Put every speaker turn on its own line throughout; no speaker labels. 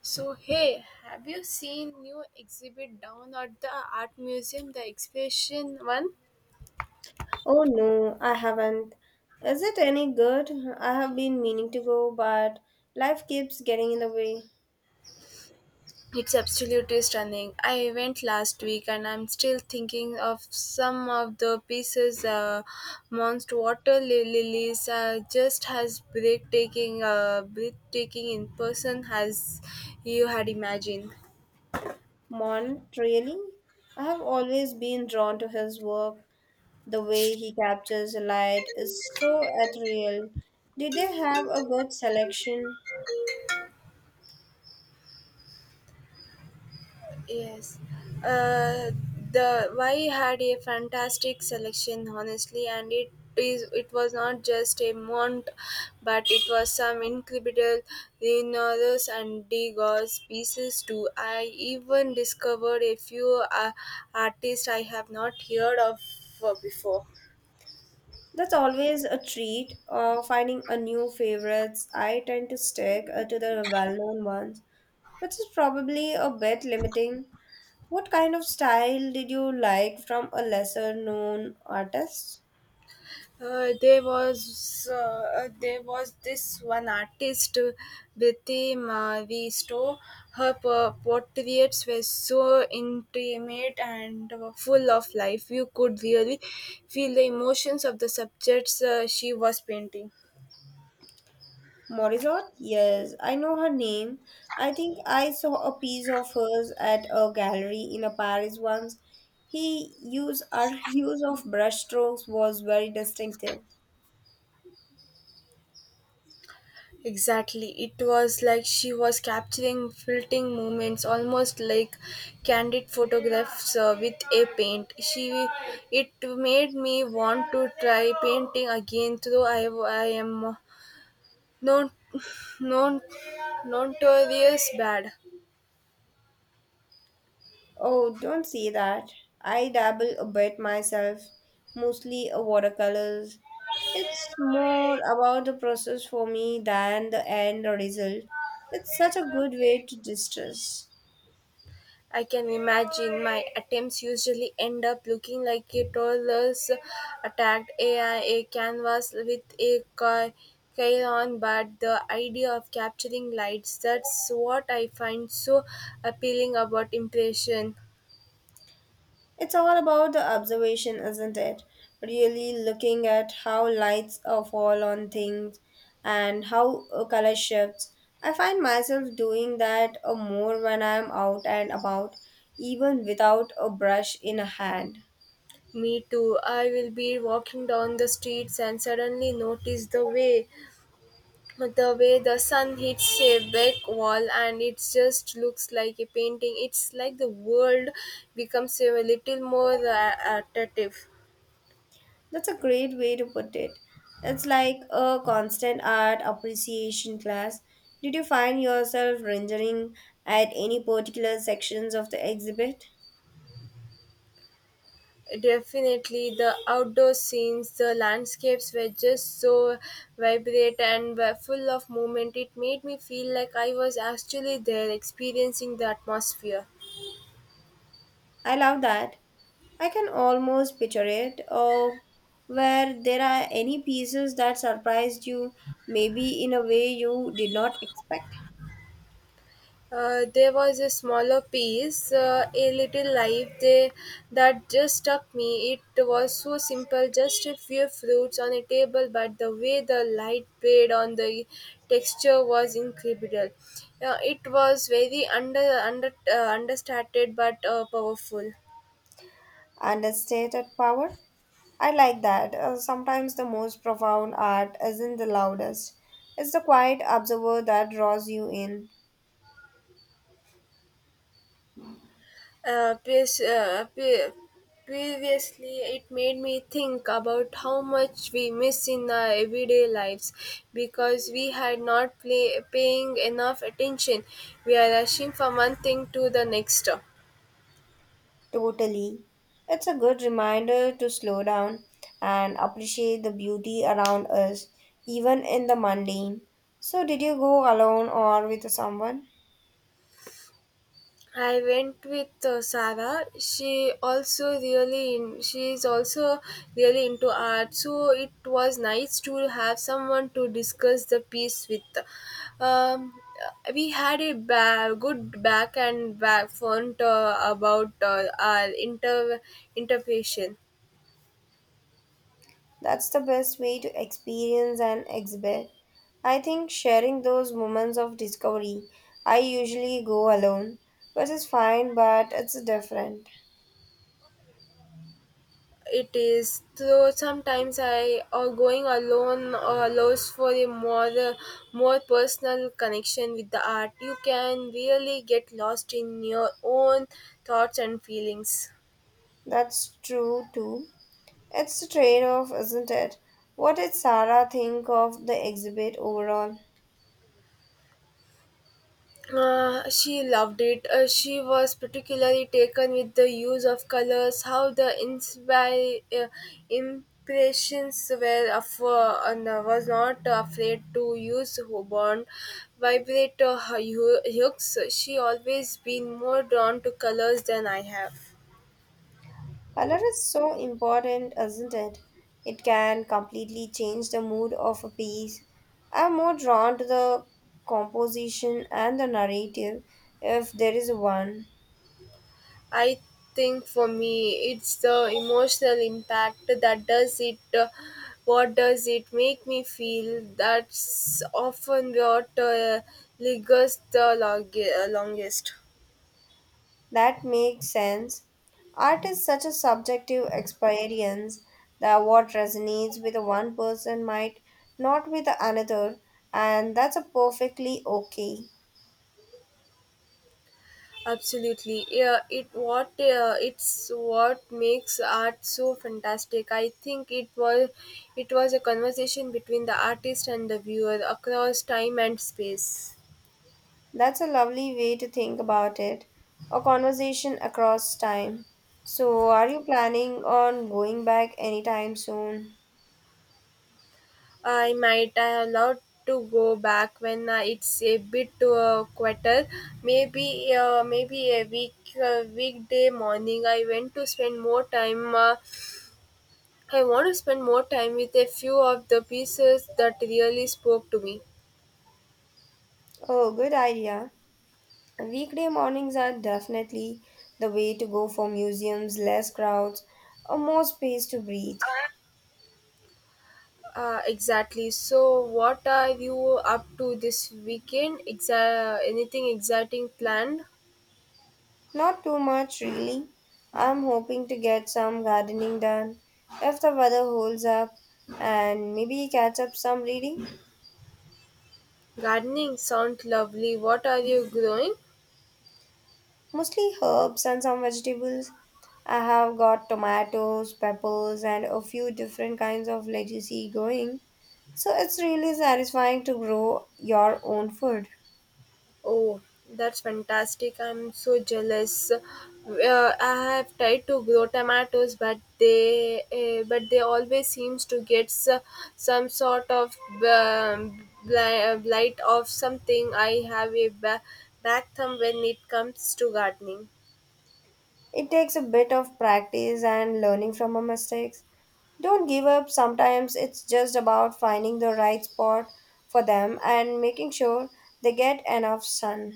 So, hey, have you seen new exhibit down at the art museum, the exhibition one?
Oh no, I haven't. Is it any good? I have been meaning to go, but life keeps getting in the way.
It's absolutely stunning. I went last week and I'm still thinking of some of the pieces. Monster lilies just as breathtaking, breathtaking in person as you had imagined.
Mon, really? I have always been drawn to his work. The way he captures the light is so ethereal. Did they have a good selection?
Yes. Uh, the Y had a fantastic selection, honestly, and it was not just a mont, but it was some incredible Leonardo's and Degas pieces too. I even discovered a few artists I have not heard of before.
That's always a treat. Finding a new favorites, I tend to stick to the well-known ones, which is probably a bit limiting. What kind of style did you like from a lesser known artist?
There was this one artist, Betty Mavisto. Her portraits were so intimate and full of life. You could really feel the emotions of the subjects she was painting.
Morizot? Yes, I know her name. I think I saw a piece of hers at a gallery in a Paris once. He use our use of brushstrokes was very distinctive.
Exactly. It was like she was capturing fleeting moments, almost like candid photographs with a paint. It made me want to try painting again, though I am not, not notorious bad.
Oh, don't see that. I dabble a bit myself, mostly watercolors. It's more about the process for me than the end result. It's such a good way to distress.
I can imagine my attempts usually end up looking like a toddler's attacked AI, a canvas with a crayon, but the idea of capturing lights, that's what I find so appealing about impression.
It's all about the observation, isn't it? Really looking at how lights fall on things and how color shifts. I find myself doing that more when I'm out and about, even without a brush in a hand.
Me too. I will be walking down the streets and suddenly notice the way the sun hits a back wall, and it just looks like a painting. It's like the world becomes a little more attractive.
That's a great way to put it. It's like a constant art appreciation class. Did you find yourself rendering at any particular sections of the exhibit?
Definitely the outdoor scenes, the landscapes were just so vibrant and were full of movement. It made me feel like I was actually there experiencing the atmosphere.
I love that. I can almost picture it. Or where there are any pieces that surprised you, maybe in a way you did not expect.
There was a smaller piece, a little life there that just struck me. It was so simple, just a few fruits on a table, but the way the light played on the texture was incredible. It was very understated but powerful.
Understated power? I like that. Sometimes the most profound art isn't the loudest. It's the quiet observer that draws you in.
Uh, pres- uh, pre- previously, it made me think about how much we miss in our everyday lives because we had not paying enough attention. We are rushing from one thing to the next.
Totally. It's a good reminder to slow down and appreciate the beauty around us, even in the mundane. So, did you go alone or with someone?
I went with Sarah. She is also really into art, so it was nice to have someone to discuss the piece with. Um, we had a good back and back front about our interpretation.
That's the best way to experience an exhibit. I think sharing those moments of discovery. I usually go alone, which is fine, but it's different.
It is, though, sometimes I or going alone or allows for a more more personal connection with the art. You can really get lost in your own thoughts and feelings.
That's true too. It's a trade off, isn't it? What did Sarah think of the exhibit overall?
She loved it. She was particularly taken with the use of colors, how the impressions were of, and was not afraid to use Hobon vibrator hooks. She always been more drawn to colors than I have.
Color is so important, isn't it? It can completely change the mood of a piece. I'm more drawn to the composition and the narrative, if there is one.
I think for me, it's the emotional impact that does it. What does it make me feel? That's often what lingers the longest.
That makes sense. Art is such a subjective experience that what resonates with one person might not with another, and that's a perfectly okay.
Absolutely, yeah. It's what makes art so fantastic. I think it was a conversation between the artist and the viewer across time and space.
That's a lovely way to think about it. A conversation across time. So, are you planning on going back anytime soon?
I might allow to go back when it's a bit quieter. Maybe a weekday morning. I went to spend more time. I want to spend more time with a few of the pieces that really spoke to me.
Oh, good idea. Weekday mornings are definitely the way to go for museums, less crowds, or more space to breathe.
Exactly. So, what are you up to this weekend? Anything exciting planned?
Not too much, really. I'm hoping to get some gardening done if the weather holds up and maybe catch up some reading.
Gardening sounds lovely. What are you growing?
Mostly herbs and some vegetables. I have got tomatoes, peppers, and a few different kinds of lettucey going. So it's really satisfying to grow your own food.
Oh, that's fantastic. I'm so jealous. I have tried to grow tomatoes, but they always seems to get some sort of blight of something. I have a back thumb when it comes to gardening.
It takes a bit of practice and learning from our mistakes. Don't give up. Sometimes it's just about finding the right spot for them and making sure they get enough sun.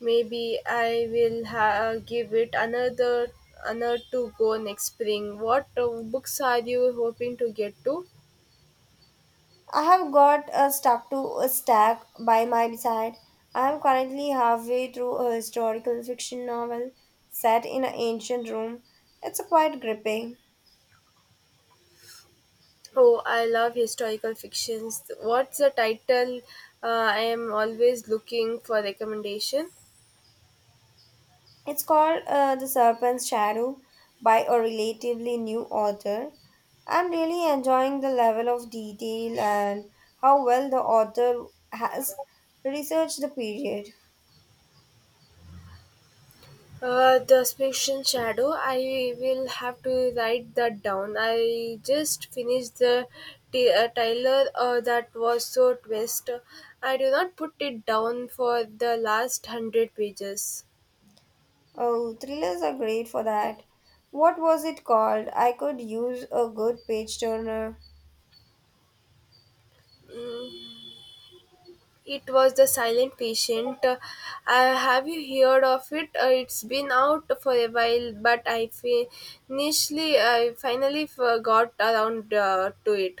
Maybe I will give it another another to go next spring. What books are you hoping to get to?
I have got a stuff to a stack by my side. I am currently halfway through a historical fiction novel set in an ancient Rome. It's quite gripping.
Oh, I love historical fictions. What's the title? I am always looking for recommendation.
It's called The Serpent's Shadow by a relatively new author. I'm really enjoying the level of detail and how well the author has researched the period.
The fiction shadow. I will have to write that down. I just finished the Tyler that was so twist. I do not put it down for the last hundred pages.
Oh, thrillers are great for that. What was it called? I could use a good page turner.
It was the silent patient. Have you heard of it? It's been out for a while, but initially I finally got around to it.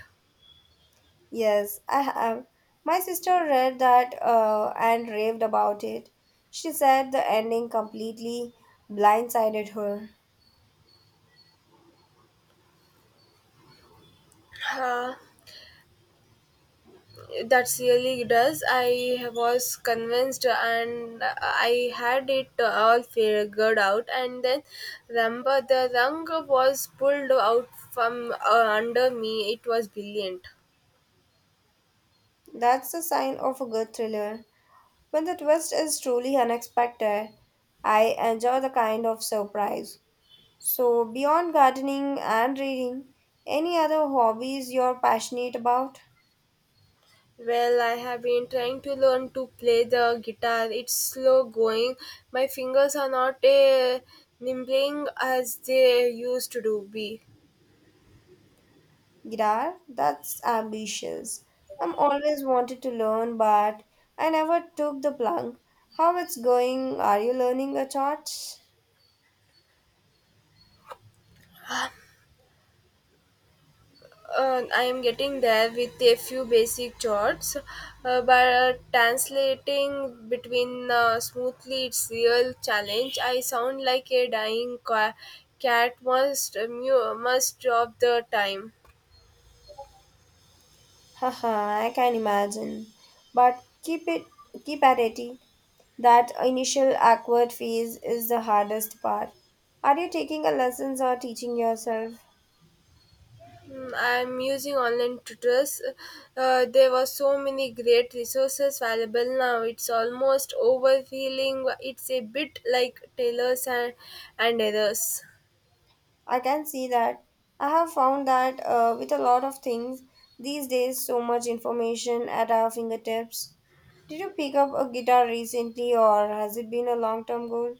Yes, I have. My sister read that and raved about it. She said the ending completely blindsided her.
Uh, that's really does. I was convinced, and I had it all figured out. And then, remember, the rung was pulled out from under me. It was brilliant.
That's the sign of a good thriller. When the twist is truly unexpected, I enjoy the kind of surprise. So, beyond gardening and reading, any other hobbies you're passionate about?
Well, I have been trying to learn to play the guitar. It's slow going. My fingers are not nimbling as they used to do be.
Guitar? That's ambitious. I'm always wanted to learn, but I never took the plunge. How it's going? Are you learning a chart?
I am getting there with a few basic chords, but translating between smoothly it's real challenge. I sound like a dying cat must of the time.
Haha, I can imagine. But keep it, keep at it. That initial awkward phase is the hardest part. Are you taking a lessons or teaching yourself?
Mm, I'm using online tutors. There were so many great resources available now. It's almost overwhelming. It's a bit like tailors and others.
I can see that. I have found that with a lot of things these days, so much information at our fingertips. Did you pick up a guitar recently, or has it been a long term goal?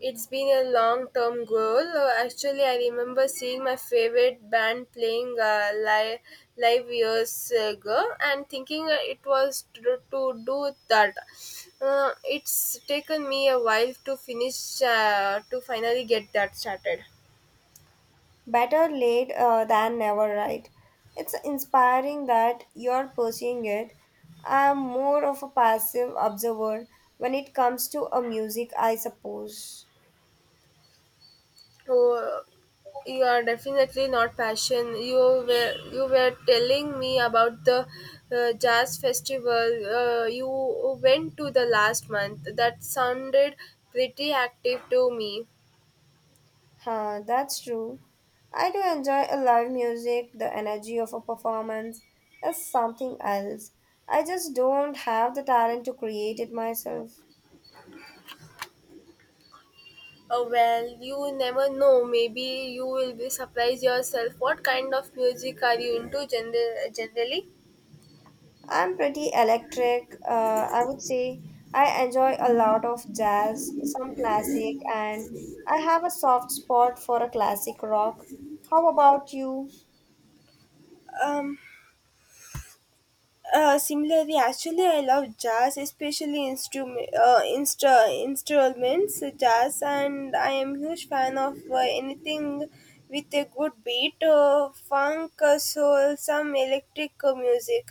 It's been a long term goal. Actually, I remember seeing my favorite band playing live years ago and thinking it was to do that. It's taken me a while to to finally get that started.
Better late than never, right? It's inspiring that you're pursuing it. I'm more of a passive observer when it comes to a music, I suppose.
Oh, you are definitely not passion. You were telling me about the jazz festival you went to the last month. That sounded pretty active to me.
Huh, that's true. I do enjoy a live music. The energy of a performance is something else. I just don't have the talent to create it myself.
Oh, well, you never know. Maybe you will be surprised yourself. What kind of music are you into generally?
I'm pretty electric. I would say I enjoy a lot of jazz, some classic, and I have a soft spot for a classic rock. How about you?
Um, similarly, actually, I love jazz, especially instruments, jazz, and I am huge fan of anything with a good beat, funk, soul, some electric music.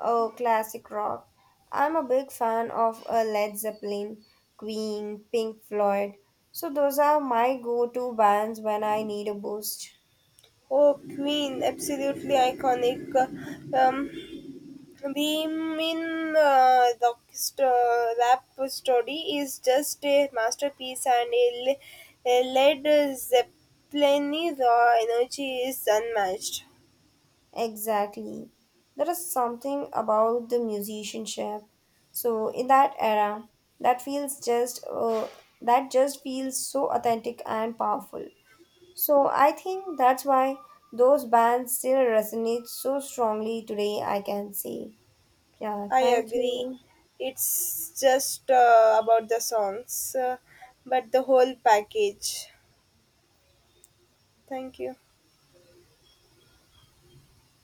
Oh, classic rock. I'm a big fan of Led Zeppelin, Queen, Pink Floyd. So those are my go-to bands when I need a boost.
Oh, Queen, absolutely iconic. Uh, um, Beemin rap study is just a masterpiece and a Led Zeppelin raw energy is unmatched.
Exactly. There is something about the musicianship. So in that era, that feels just that just feels so authentic and powerful. So I think that's why those bands still resonate so strongly today, I can say. Yeah,
I
thank
agree.
you.
It's just about the songs, but the whole package. Thank you.